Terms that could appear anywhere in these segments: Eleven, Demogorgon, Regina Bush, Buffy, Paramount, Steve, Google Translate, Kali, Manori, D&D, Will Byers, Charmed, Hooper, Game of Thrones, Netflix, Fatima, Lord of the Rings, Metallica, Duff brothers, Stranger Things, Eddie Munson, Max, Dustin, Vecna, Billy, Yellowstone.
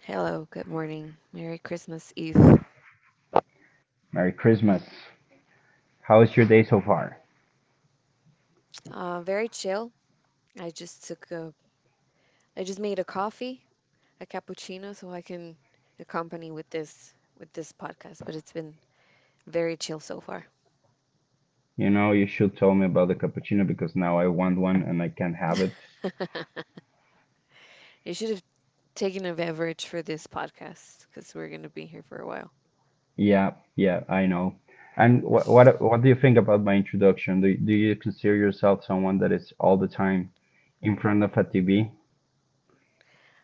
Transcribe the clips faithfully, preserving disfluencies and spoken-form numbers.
Hello, good morning. Merry Christmas Eve. Uh, very chill. I just took a, I just made a coffee, a cappuccino, so I can accompany with this with this podcast. But it's been very chill so far. You should have taken a beverage for this podcast because we're gonna be here for a while.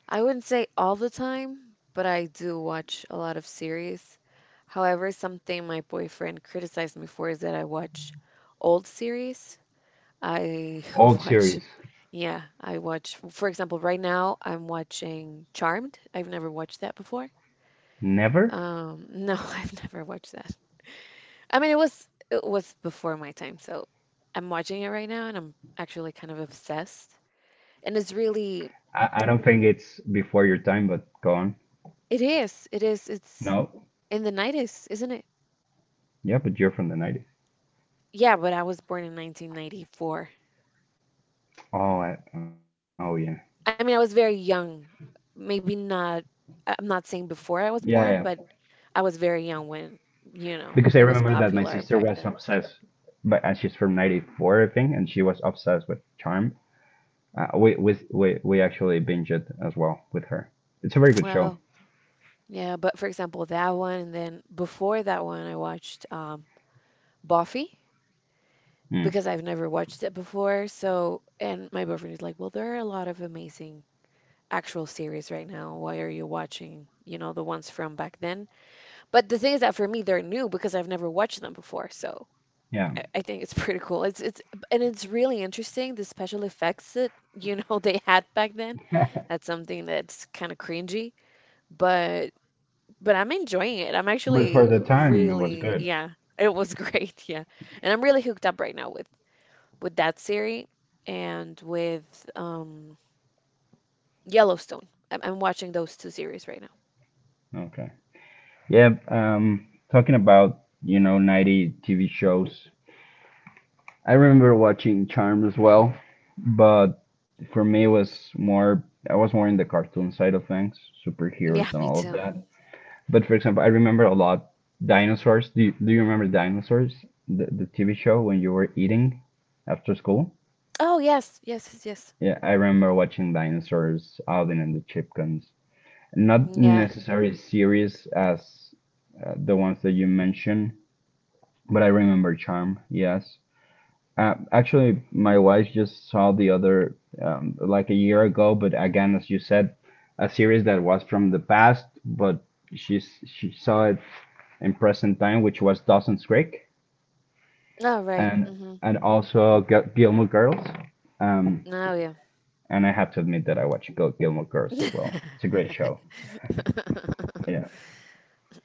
I wouldn't say all the time, but I do watch a lot of series. However, something my boyfriend criticized me for is that I watch old series. I watch, yeah, I watch, for example, right now I'm watching Charmed. I've never watched that before. Um, no, I've never watched that. I mean, it was it was before my time, so I'm watching it right now and I'm actually kind of obsessed. And it's really, it is, it is, it's in the nineties, isn't it? Yeah, but I was born in nineteen ninety-four. I mean, I was very young. Maybe not, I- I'm not saying before I was born, but I was very young when, you know, it was popular back then. Oh, yeah, but for example, that one, and then before that one, I watched um, Buffy because I've never watched it before. So, and my boyfriend is like, well, there are a lot of amazing actual series right now. Why are you watching, you know, the ones from back then? But the thing is that for me, they're new because I've never watched them before. So I I think it's pretty cool. It's it's and it's really interesting the special effects that you know they had back then. That's something that's kind of cringy, but but I'm enjoying it. I'm actually really yeah, it was great, yeah. And I'm really hooked up right now with with that series and with um Yellowstone. I'm, I'm watching those two series right now. Yeah, me too. Oh, yes, yes, yes, yes. Yeah. Oh, right. Mm-hmm. Oh, yeah.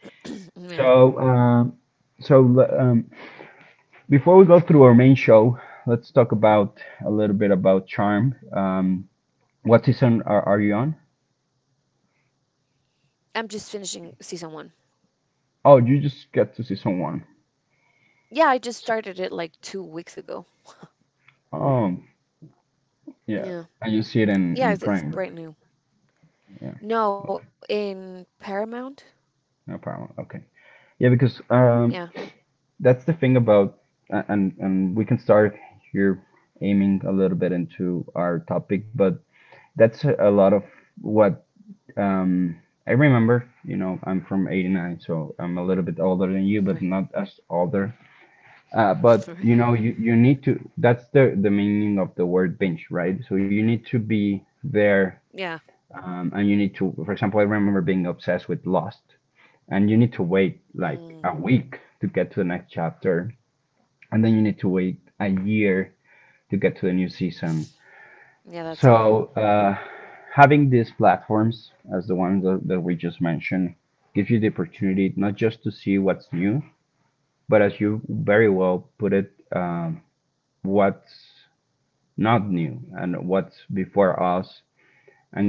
Yeah. I'm just finishing season one. Yeah, I just started it like two weeks ago. Yeah. Yeah, it's, it's brand new. No, in Paramount? Yeah. Right. Right. Yeah. Mm. Yeah, that's awful.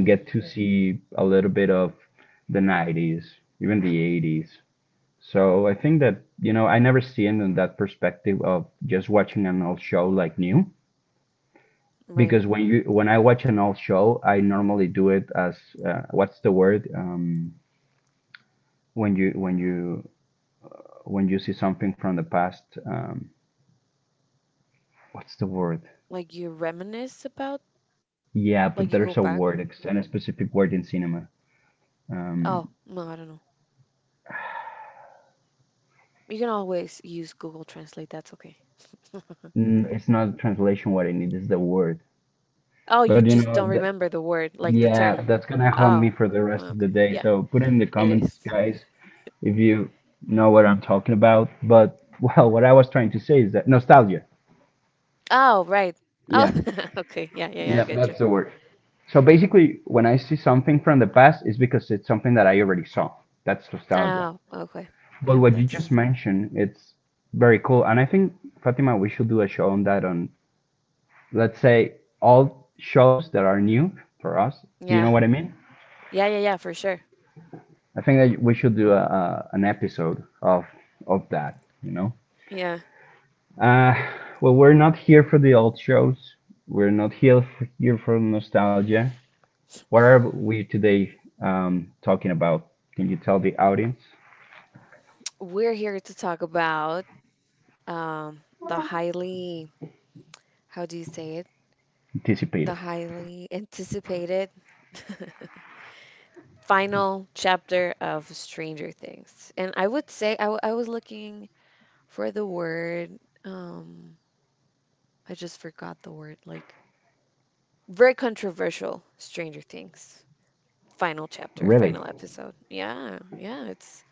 Hmm. Right. Like you reminisce about, like you go back. Oh, no, I don't know. You can always use Google Translate. That's okay. Oh, you just don't remember the word, like the term. Oh, okay. Yeah, it is. Oh, right. Oh, okay. Yeah, yeah, yeah, I get you. Oh, okay. Yeah, that's yeah. Yeah, yeah, yeah, for sure. Yeah. We're here to talk about um the highly how do you say it? The highly anticipated final chapter of Stranger Things. And I would say I, w- I was looking for the word um I just forgot the word like very controversial Stranger Things. Final chapter, final episode. Yeah, yeah, it's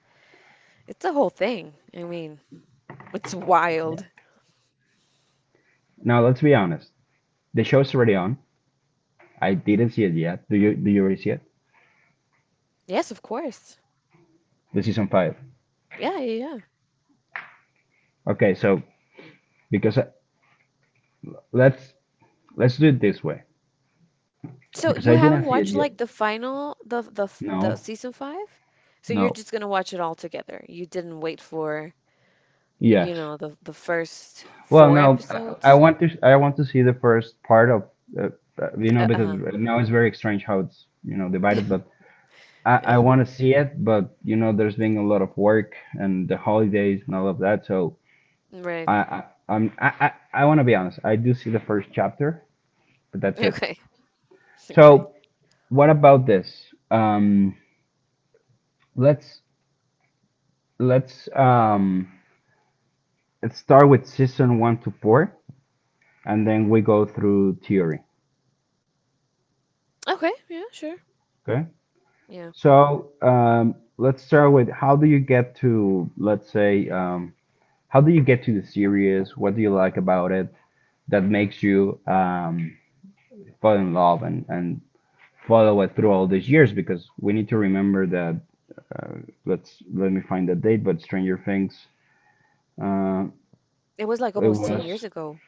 it's a whole thing. I mean, it's wild. Yes, of course. Yeah, yeah, yeah. So you haven't watched like the final the the f- the season five? So you're just gonna watch it all together. You didn't wait for, you know, the the first four episodes? Uh, uh-huh. Yeah, yeah. Right. Okay. Okay. Okay, yeah, sure. Yeah. It was like almost ten years ago.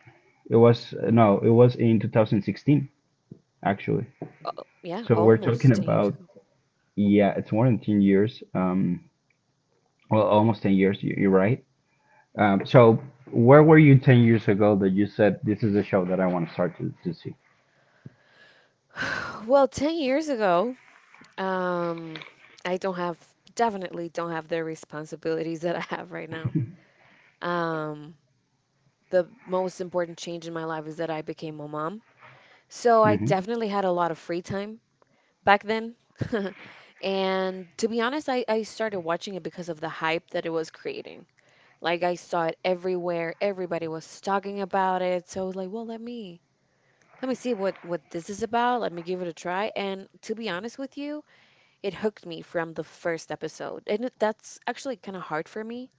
Uh, yeah, almost ten years ago. Well, ten years ago, um, I don't have, definitely don't have the responsibilities that I have right now. Um, the most important change in my life is that I became a mom. So I definitely had a lot of free time back then. And to be honest, I, I started watching it because of the hype that it was creating. Like I saw it everywhere. Everybody was talking about it. So I was like, well, let me let me see what what this is about. Let me give it a try. And to be honest with you, it hooked me from the first episode, and it that's actually kinda hard for me.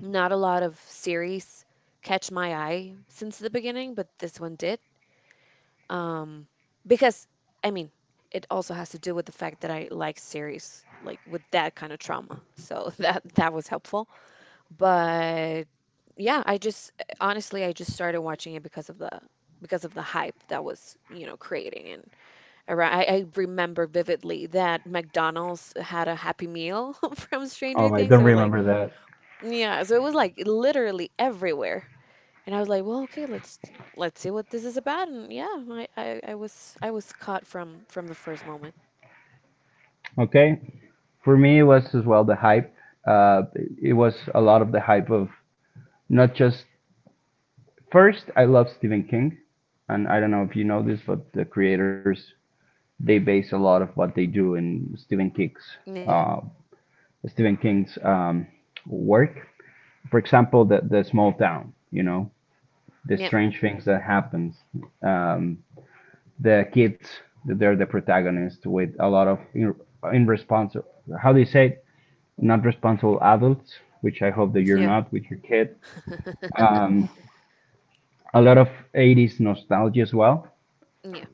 Not a lot of series catch my eye since the beginning, but this one did. Um, because, I mean, it also has to do with the fact that I like series, like, with that kind of trauma, so that that was helpful. But, yeah, I just honestly, I just started watching it because of the because of the hype that was, you know, creating, and alright, I I remember vividly that McDonald's had a Happy Meal from Stranger Things. It was like yeah, so it was, like, literally everywhere, and I was like, "Well, okay, let's let's see what this is about," and yeah, I I I was I was caught from from the first moment. Yeah. Yep. Yeah. Yeah.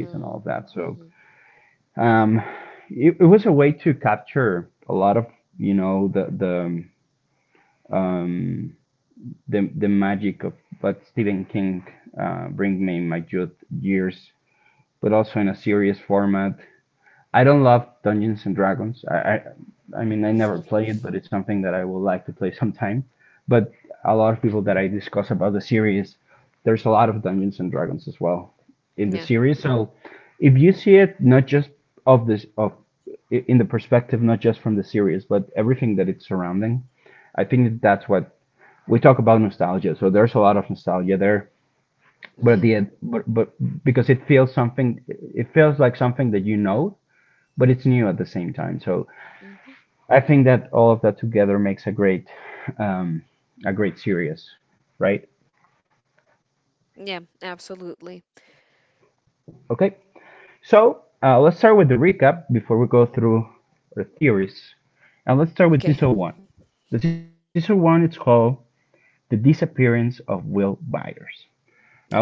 Mm. Mhm. Yeah. Yeah. Mhm. Yeah, absolutely. Okay. Yeah.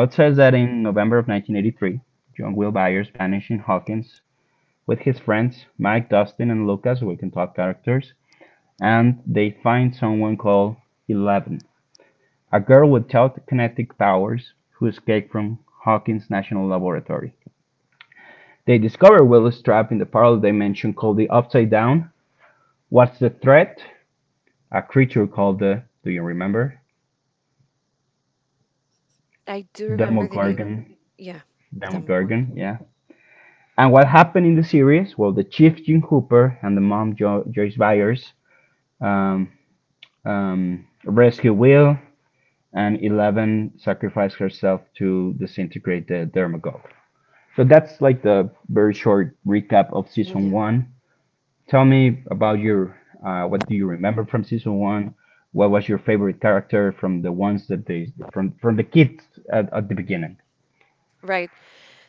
I do remember the name. Yeah. Demogorgon. Yeah. Right.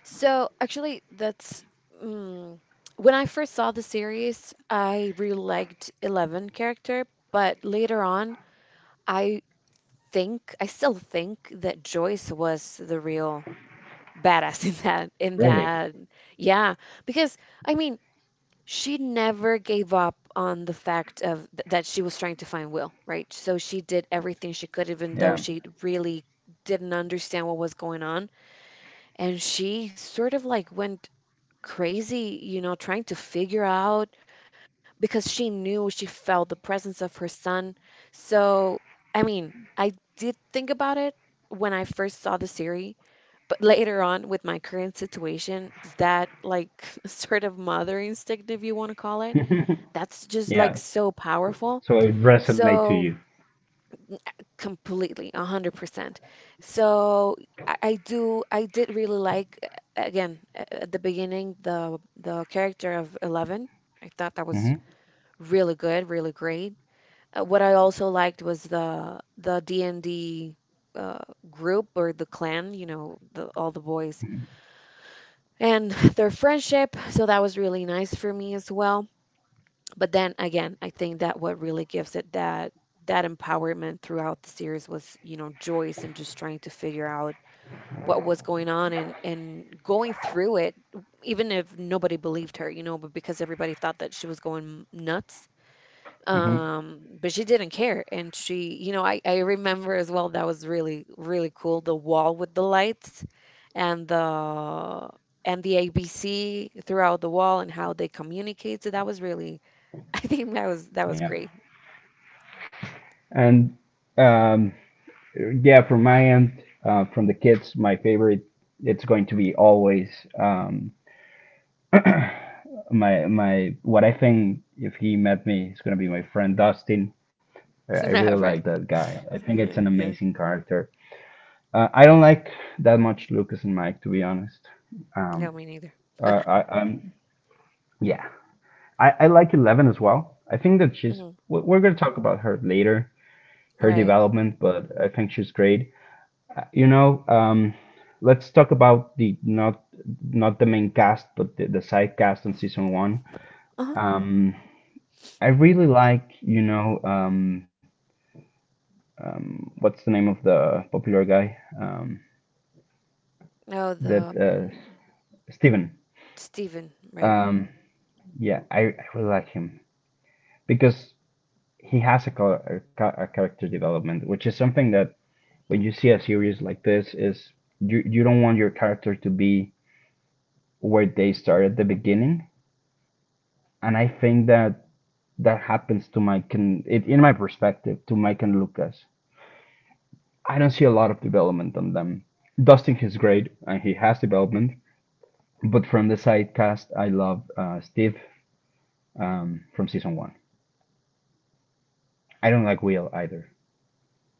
So actually, that's mm, when I first saw the series, I really liked Eleven character, but later on, I think I still think that Joyce was the real badass in that in that. Yeah, because I mean, she never gave up on the fact of th that she was trying to find Will, right? So she did everything she could, even though she really didn't understand what was going on. And she sort of like went crazy, you know, trying to figure out because she knew she felt the presence of her son. So, I mean, I did think about it when I first saw the series, but later on with my current situation, that like sort of mother instinct, if you want to call it, that's just like so powerful. So, completely, one hundred percent. So I, I do, I did really like, uh, again, a- at the beginning, the the character of Eleven. I thought that was really good, really great. Uh, what I also liked was the the D and D uh, group or the clan, you know, the, all the boys and their friendship. So that was really nice for me as well, but then again, I think that what really gives it that that empowerment throughout the series was, you know, Joyce and just trying to figure out what was going on and and going through it even if nobody believed her, you know, but because everybody thought that she was going nuts. um but she didn't care, and she, you know, i i remember as well that was really really cool, the wall with the lights and the and the ABC throughout the wall and how they communicate, so that was really I think that was that was great. Right. Yeah, yeah. No, me neither. Mhm. Right. Uh-huh. No, the um, Stephen, right.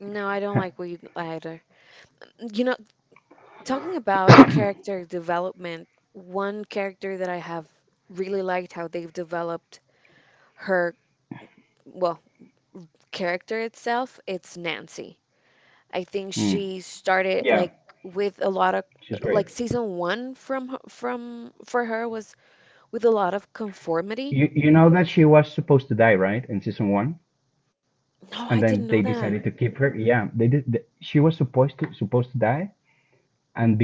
No, I don't like Wade either. You know, talking about character development, one character that I have really liked how they've developed her, well, character itself, it's Nancy. I think she started like with a lot of like season one from her- from for her was with a lot of conformity. No, I didn't know that.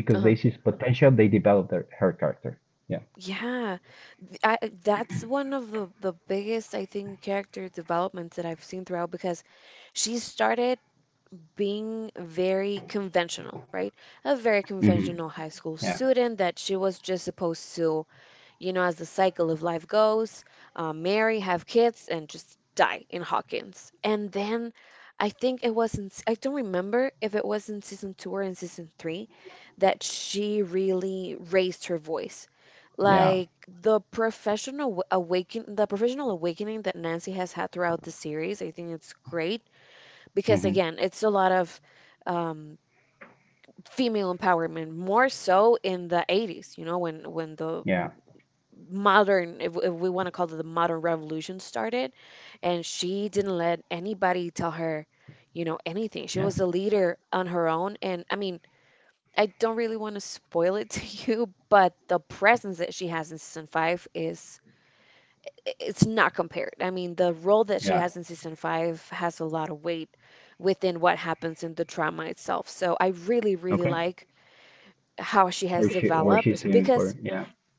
Uh-huh. Yeah, Th- I, that's one of the the biggest, I think, character developments that I've seen throughout because she started being very conventional, right? A very conventional high school student that she was just supposed to. You know, as the cycle of life goes, uh, marry, have kids, and just die in Hawkins. And then I think it wasn't, I don't remember if it was in season two or in season three that she really raised her voice. Like the professional w- awaken, the professional awakening that Nancy has had throughout the series, I think it's great because again, it's a lot of um, female empowerment, more so in the eighties, you know, when when the modern if, if we want to call it the modern revolution started, and she didn't let anybody tell her, you know, anything. She was a leader on her own, and I mean, I don't really want to spoil it to you, but the presence that she has in season five is it's not compared I mean, the role that she has in season five has a lot of weight within what happens in the drama itself, so I really really like how she has developed. Because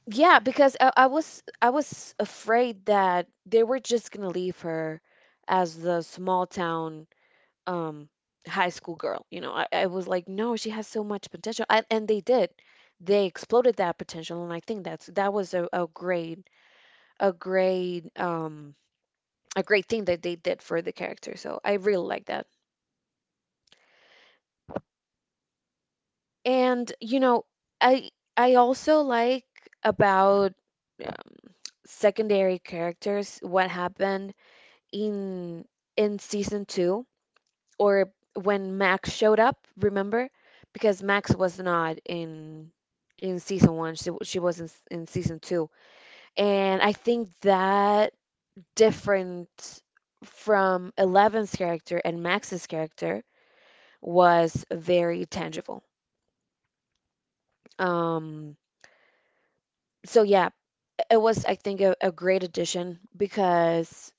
yeah, because I, I was I was afraid that they were just gonna leave her as the small town um high school girl. You know, I, I was like, no, she has so much potential, I, and they did. They exploded that potential, and I think that's that was a, a great a great um a great thing that they did for the character. So I really like that. And you know, I I also like about uh, secondary characters what happened in in season two or when Max showed up, remember? Because Max was not in in season one. She she was in, s- in season two. And I think that different from Eleven's character and Max's character was very tangible. Um, so yeah, it was I think a, a great addition because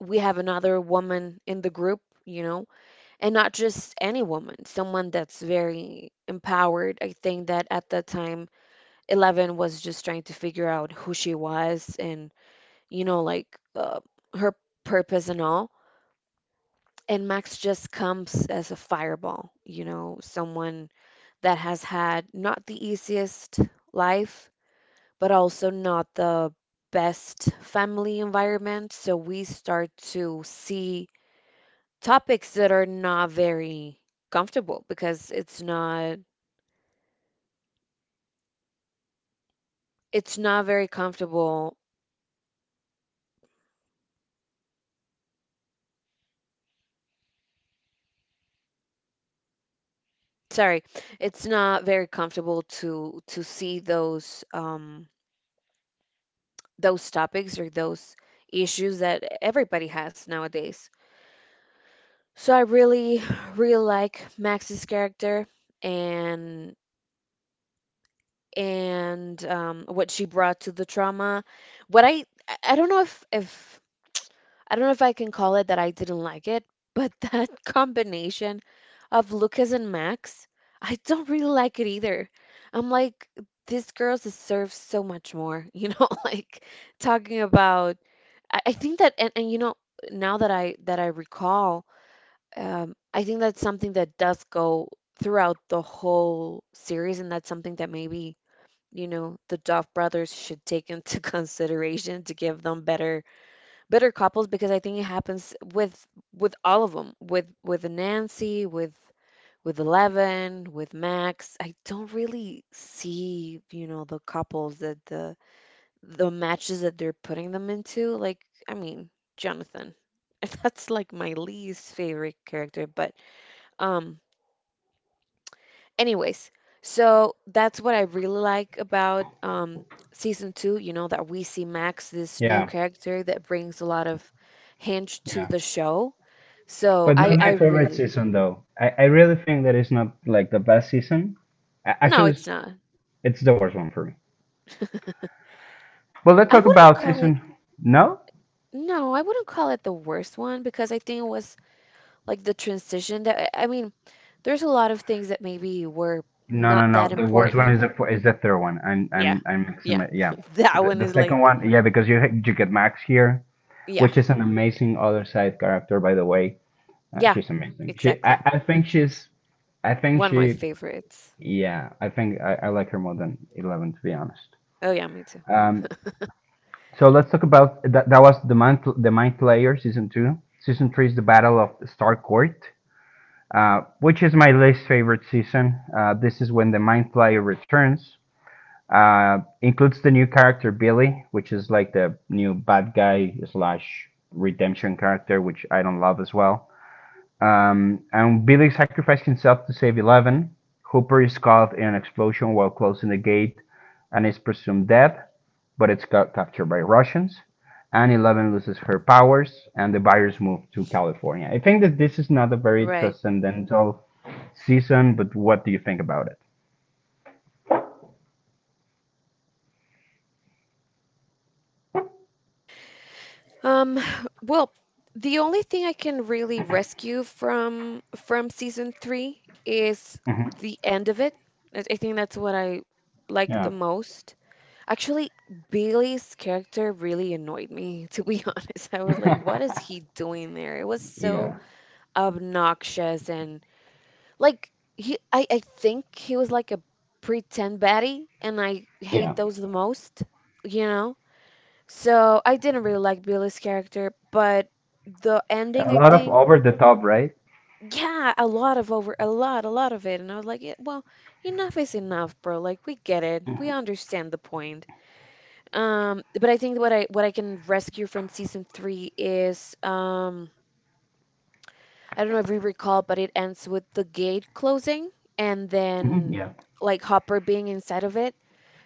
we have another woman in the group, you know, and not just any woman, someone that's very empowered. I think that at that time, Eleven was just trying to figure out who she was and, you know, like uh, her purpose and all. And Max just comes as a fireball, you know, someone that has had not the easiest life, but also not the best family environment. So we start to see topics that are not very comfortable because it's not it's not very comfortable. Sorry, it's not very comfortable to to see those um those topics or those issues that everybody has nowadays. So I really really like Max's character and and um what she brought to the trauma. What I I I don't know if if I don't know if I can call it that I didn't like it, but that combination of Lucas and Max, I don't really like it either. I'm like, this girl deserves so much more, you know, like talking about I, I think that and, and you know, now that I that I recall, um, I think that's something that does go throughout the whole series, and that's something that maybe, you know, the Duff brothers should take into consideration to give them better bitter couples because I think it happens with with all of them, with with Nancy, with with Eleven, with Max. I don't really see, you know, the couples that the the matches that they're putting them into. Like, I mean, Jonathan. That's like my least favorite character, but um Anyways, so that's what I really like about um, season two, you know, that we see Max, this new Yeah, character that brings a lot of hinge to yeah. the show. So But I, not I my favorite really, season though. I, I really think that it's not like the best season. A- no, Actually, it's, it's not. it's the worst one for me. Well, let's I talk wouldn't about call it, season. No, no, I wouldn't call it the worst one because I think it was like the transition that, I I mean, there's a lot of things that maybe were no, no, not no. that The worst one is important. the fo- is the third one. I'm Yeah. I'm I'm mixing Yeah. my yeah. That The, one the is second like, one, yeah, because you ha- you get Max here, yeah. which is an amazing other side character, by the way. Uh, Yeah. She's amazing. She I, Exactly. I think she's I think One of my she favorites. yeah, I think I, I like her more than Eleven to be honest. Oh yeah, me too. Um, So let's talk about that. That was the mind, the mind player season two. Season three is the Battle of Star Court, uh, which is my least favorite season. Uh, this is when the mind player returns. Uh, includes the new character Billy, which is like the new bad guy slash redemption character, which I don't love as well. Um, and Billy sacrificed himself to save Eleven. Hooper is caught in an explosion while closing the gate and is presumed dead, but it's ca- captured by Russians. And Eleven loses her powers, and the buyers move to California. I think that this is not a very Right. transcendental season, but what do you think about it? Um, well, the only thing I can really rescue from from season three is the end of it. I I think that's what I like Yeah. the most. Actually, Billy's character really annoyed me, to be honest. I was like, what is he doing there? It was so Yeah. obnoxious and like he I, I think he was like a pretend baddie and I Yeah. hate those the most, you know? So I didn't really like Billy's character, but the ending, A I lot of think, over the top, right? yeah, a lot of over, a lot, a lot of it. And I was like, yeah, well, enough is enough, bro. Like we get it, we understand the point. Um, but I think what I what I can rescue from season three is um, I don't know if you recall, but it ends with the gate closing and Mm-hmm. then Yeah. like Hopper being inside of it.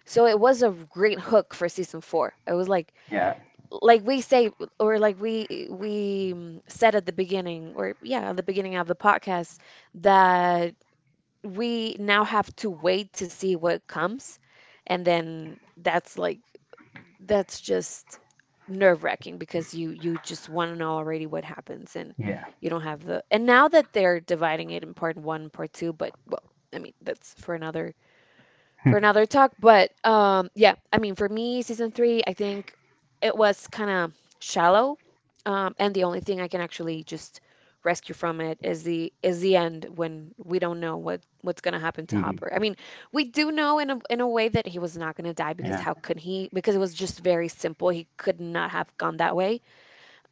So it was a great hook for season four. I was like, Yeah. like we say or like we we um, said at the beginning or yeah at the beginning of the podcast that we now have to wait to see what comes and then that's like that's just nerve-wracking because you you just want to know already what happens and Yeah. you don't have the and now that they're dividing it in part one part two but well I mean that's for another for another talk. But um, yeah, I mean, for me, season three, I think it was kind of shallow, um, and the only thing I can actually just rescue from it is the is the end when we don't know what what's gonna happen to Hopper. I mean, we do know in a in a way that he was not gonna die because Yeah. how could he? Because it was just very simple. He could not have gone that way.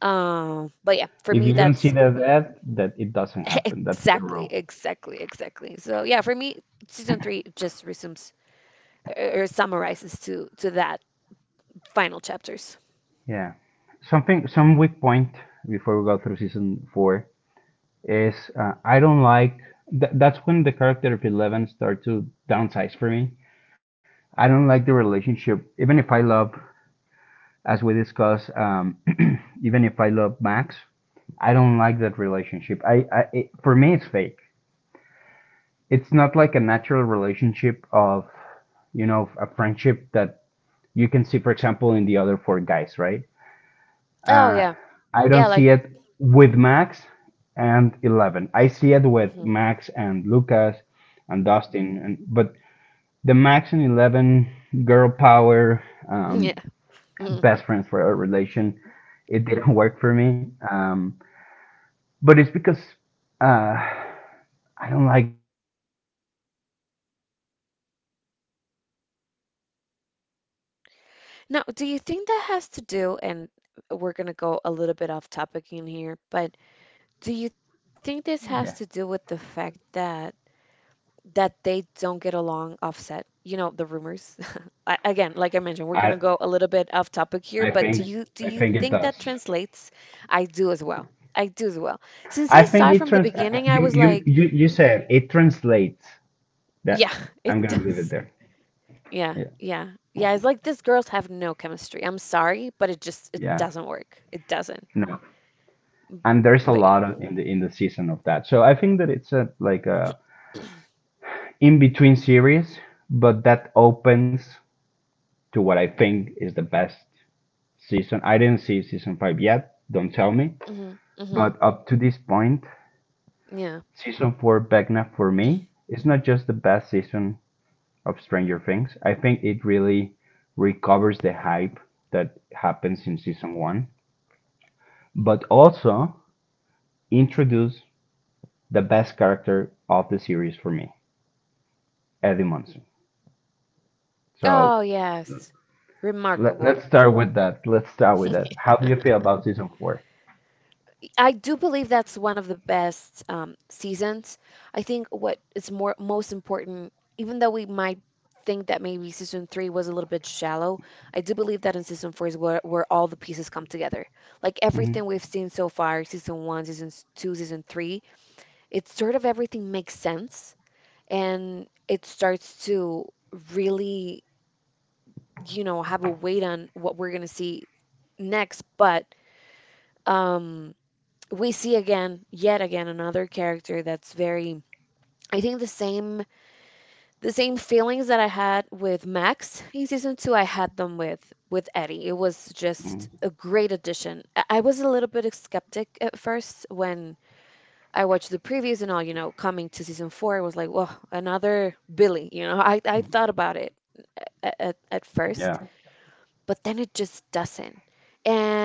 Um, but yeah, for If you me, don't see that's that ad, that it doesn't happen. That's the exactly, rule. exactly, exactly. So yeah, for me, season three just resumes or summarizes to to that final chapters. Yeah. Something, some weak point before we go through season four is, uh, I don't like. Th- that's when the character of Eleven start to downsize for me. I don't like the relationship, even if I love, as we discussed, um, even if I love Max, I don't like that relationship. I, I it, for me, it's fake. It's not like a natural relationship of, you know, a friendship that you can see, for example, in the other four guys, right? Oh Uh, yeah, I don't yeah, see like it with Max and Eleven. I see it with mhm. Max and Lucas and Dustin, and but the Max and Eleven girl power, yeah. um, Mhm. best friends for a relation, it didn't work for me. Um, but it's because uh, I don't like the acting of Eleven in that season. You know, I really don't. Now, do you think that What has do you to think? do? And we're gonna go a little bit off topic in here, but do you think this Yeah. has to do with the fact that that they don't get along offset? You know, the rumors. I, again, like I mentioned, we're I gonna go a little bit off topic here, I but do think you do I you think it think that does. translates? I do as well. I do as well. Since I I saw think it it from the trans. Uh, uh, beginning, I You was you like, you you said it translates. yeah, That it I'm gonna leave it does. there. Yeah, Yeah, yeah. Yeah, it's like these girls have no chemistry. I'm sorry, but it just it yeah. doesn't work. It doesn't. No, and there's a But lot of in the in the season of that. So I think that it's a like a in between series, but that opens to what I think is the best season. I didn't see season five yet. Don't tell me. yeah. Mm-hmm. Mm-hmm. But up to this point, Yeah. season four Vecna for me is not just the best season of Stranger Things. I think it really recovers the hype that happens in season one, but also introduce the best character of the series for me, Eddie Munson. So Oh, yes. let, Remarkable. let's start with that. Let's start with that. How do you feel about season four? I do believe that's one of the best um, seasons. I think what is more most important, even though we might think that maybe season three was a little bit shallow, I do believe that in season four is where, where all the pieces come together. Like everything Mm-hmm. we've seen so far, season one, season s- two, season three, it's sort of everything makes sense and it starts to really, you know, have a weight on what we're going to see next. But um, we see again, yet again, another character that's very. I think the same the same feelings that I had with Max in season two, I had them with with Eddie. It was just Mm-hmm. a great addition. I I was a little bit skeptic at first when I watched the previews and all, you know, coming to season four, I was like, whoa, another Billy. You know, I, I thought about it at, at, at first, Yeah. but then it just doesn't.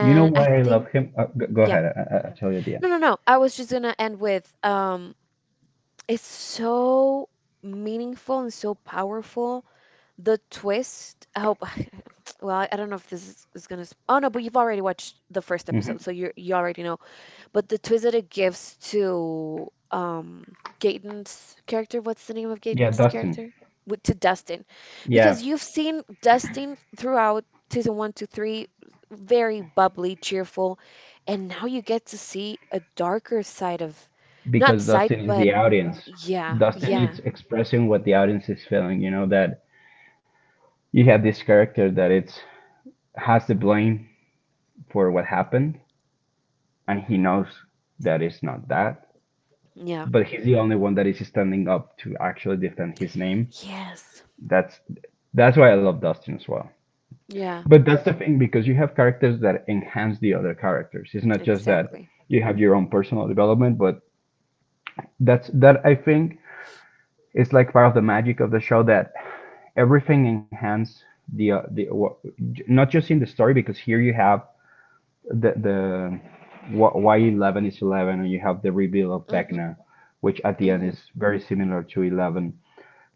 You know I why I think, love him? Uh, g- go yeah. ahead. I- I- I'll tell you at the No, end. no, no. I was just gonna end with um, it's so meaningful and so powerful. The twist, I hope, well, I I don't know if this is, is gonna, sp- oh no, but you've already watched the first episode, so Mhm. you you already know but the twist that it gives to um Gaten's character, what's the name of Yeah, Gaten's Dustin. character? With to Dustin. Yeah, Because you've seen Dustin throughout season one, two, three, very bubbly, cheerful, and now you get to see a darker side of not because side, Dustin is but the audience. yeah, Dustin yeah, is expressing what the audience is feeling. You know that you have this character that it's has the blame for what happened, and he knows that it's not that, yeah. but he's the only one that is standing up to actually defend his name. Yes. that's that's why I love Dustin as well. Yeah, But that's the thing, because you have characters that enhance the other characters. It's not just that exactly. you have your own personal development, but that's that I think is like part of the magic of the show, that everything enhances the uh, the not just in the story, because here you have the the wh- why eleven is eleven, and you have the reveal of Mhm. Vecna, which at the end Mhm. is very similar to eleven.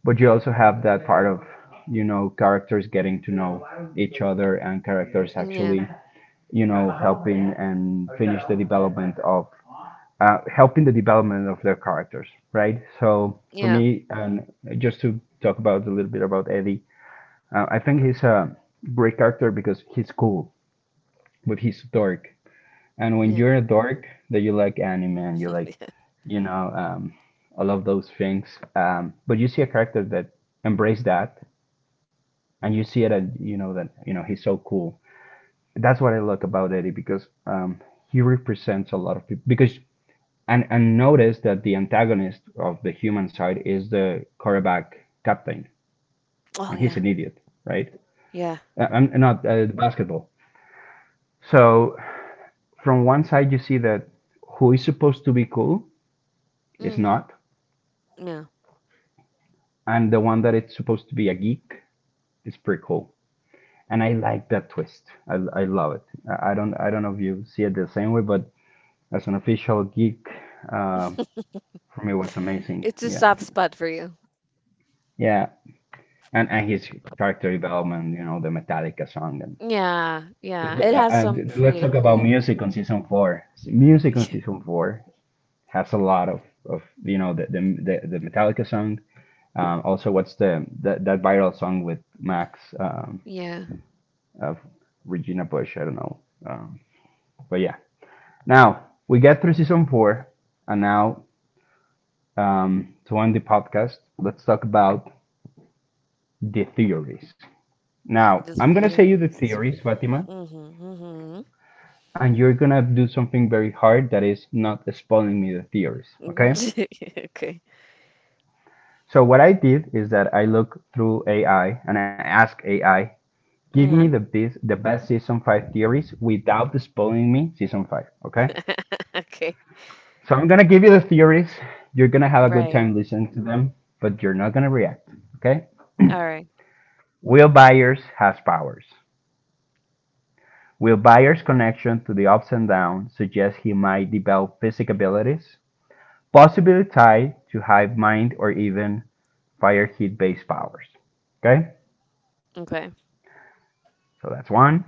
But you also have that part of, you know, characters getting to know each other, and characters Yeah. actually, you know, helping and finish the development of, uh, helping the development of their characters, right? So for Yeah. me, and just to talk about a little bit about Eddie, uh, I think he's a great character because he's cool but he's dark, and when Yeah. you're a dork, that you like anime and you like, Yeah. you know, um, all of those things, um, but you see a character that embrace that, and you see it, and you know that you know he's so cool. That's what I like about Eddie, because um, he represents a lot of people. Because and and notice that the antagonist of the human side is the quarterback captain, and Oh he's yeah. an idiot, right? Yeah. Uh, I'm not uh, basketball. So from one side, you see that who is supposed to be cool is Mhm. not, Yeah. and the one that it's supposed to be a geek is pretty cool. And I like that twist. I, I love it. I don't I don't know if you see it the same way, but as an official geek, um, for me it was amazing. It's a Yeah, soft spot for you. yeah. And and his character development, you know, the Metallica song, Yeah. Yeah. It has and some and let's pretty talk about cool. music on season four. Music on Yeah. season four has a lot of, of you know, the the the, the Metallica song. Um, also, what's the that, that viral song with Max? Um, Yeah. Of Regina Bush. I don't know, um, but yeah. Now we get through season four, and now, um, to end the podcast, let's talk about the theories. Now The I'm gonna say you the theories. theories, Fatima, Mhm. and you're gonna do something very hard that is not spoiling me the theories. Mhm. Okay? Okay. So what I did is that I look through A I and I ask A I, give me Yeah. the best the best season five theories without spoiling me season five. Okay? Okay. So I'm gonna give you the theories. You're gonna have a good Right. time listening to them, but you're not gonna react. Okay? All right. Will Byers has powers. Will Byers' connection to the ups and downs suggests he might develop physic abilities, possibly tied to hive mind or even fire heat based powers. Okay? Okay. So that's one.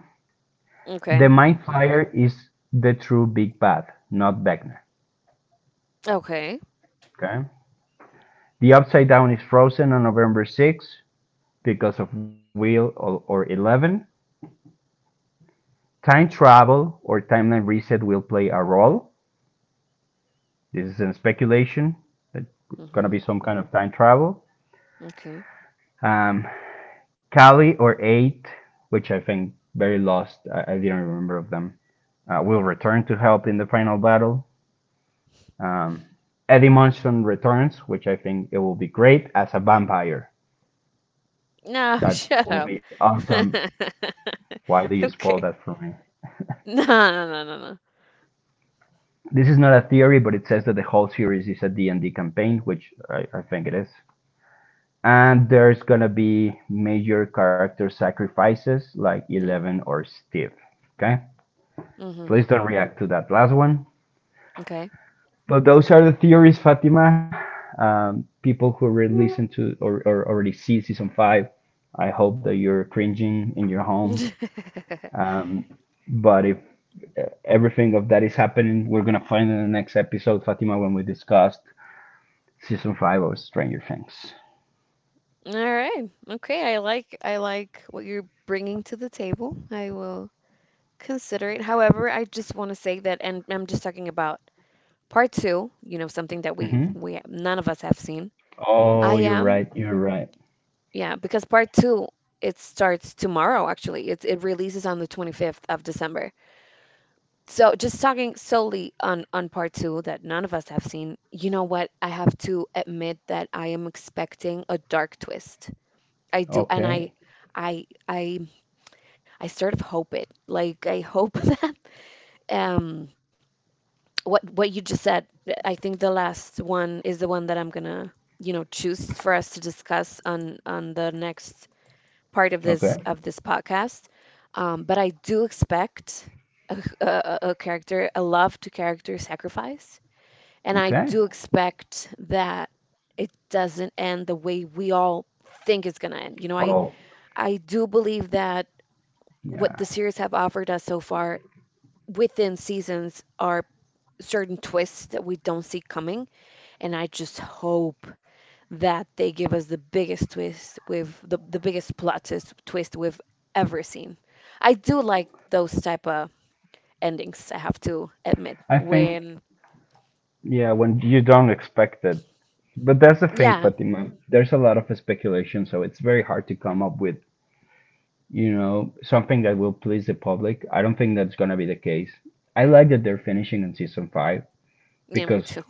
The Okay. mind flyer is the true big bad, not Vecna. Okay. Okay? The upside down is frozen on November sixth because of Will or, or eleven. Time travel or timeline reset will play a role. This is in speculation. It's gonna Mhm. be some kind of time travel. Okay. Um, Kali or Eight, which I think very lost. I, I didn't remember of them. Uh, will return to help in the final battle. Um, Eddie Munson returns, which I think it will be great as a vampire. No, That shut will up. be awesome. Why do you spoil Okay. that for me? No, no, no, no, no. This is not a theory, but it says that the whole series is a D and d campaign, which I, I think it is. And there's gonna be major character sacrifices like Yeah. Eleven or Steve. Okay, Mhm. please don't react to that last one. Okay. But those are the theories, Fatima. Um, people who already listen to, or, or already see season five, I hope that you're cringing in your home. Um, but if uh, everything of that is happening, we're gonna find in the next episode, Fatima, when we discussed season five of Stranger Things. All right. Okay. I like I like what you're bringing to the table. I will consider it. However, I just want to say that, and I'm just talking about part two. You know, something that we Hmm. we none of us have seen. I Oh, you're am, right. You're right. yeah, because part two it starts tomorrow. Actually, it's it releases on the twenty-fifth of December. So just talking solely on on part two that none of us have seen, you know what? I have to admit that I am expecting a dark twist. I do, and I Okay. I I I sort of hope it. Like I hope that um what what you just said, I think the last one is the one that I'm gonna, you know, choose for us to discuss on on the next part of this Okay. of this podcast. Um, but I do expect a, a, a character, a love to character sacrifice And I Okay. do expect that it doesn't end the way we all think it's going to end. You know, I, Oh, I do believe that yeah. what the series have offered us so far within seasons are certain twists that we don't see coming. And I just hope that they give us the biggest twist with the, the biggest plot twist, twist we've ever seen. I do like those type of endings, I have to admit, I think, when yeah, when you don't expect it. But that's the thing, yeah, Fatima. There's a lot of speculation, so it's very hard to come up with, you know, something that will please the public. I don't think that's going to be the case. I like that they're finishing in season five yeah, me because, too.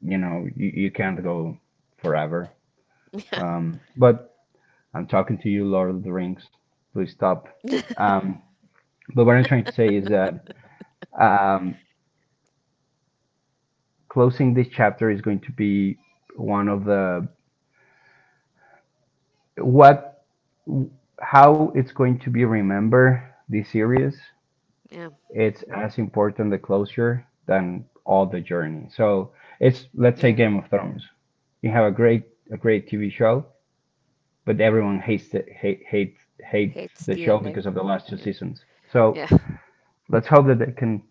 you know, you, you can't go forever. Yeah. Um, but I'm talking to you, Lord of the Rings. Please stop. Um, but what I'm trying to say is that, um, closing this chapter is going to be one of the what how it's going to be remembered this series. Yeah. It's as important the closure than all the journey, so it's let's say Yeah. Game of Thrones: you have a great a great TV show, but everyone hates it, hate hate hates Hates the the show ending. because of the last two Yeah. seasons. So Yeah. let's hope that they can,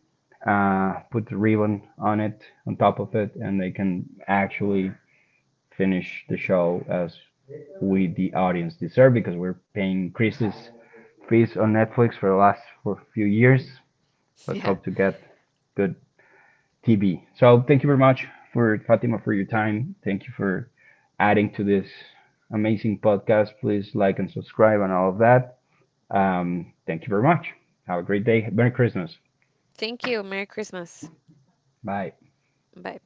uh, put the ribbon on it on top of it, and they can actually finish the show as we, the audience, deserve, because we're paying Chris's fees on Netflix for the last for a few years. Let's Yeah. hope to get good T V. So thank you very much for Fatima for your time. Thank you for adding to this amazing podcast. Please like and subscribe and all of that. Um, thank you very much. Have a great day. Merry Christmas. Thank you. Merry Christmas. Bye. Bye.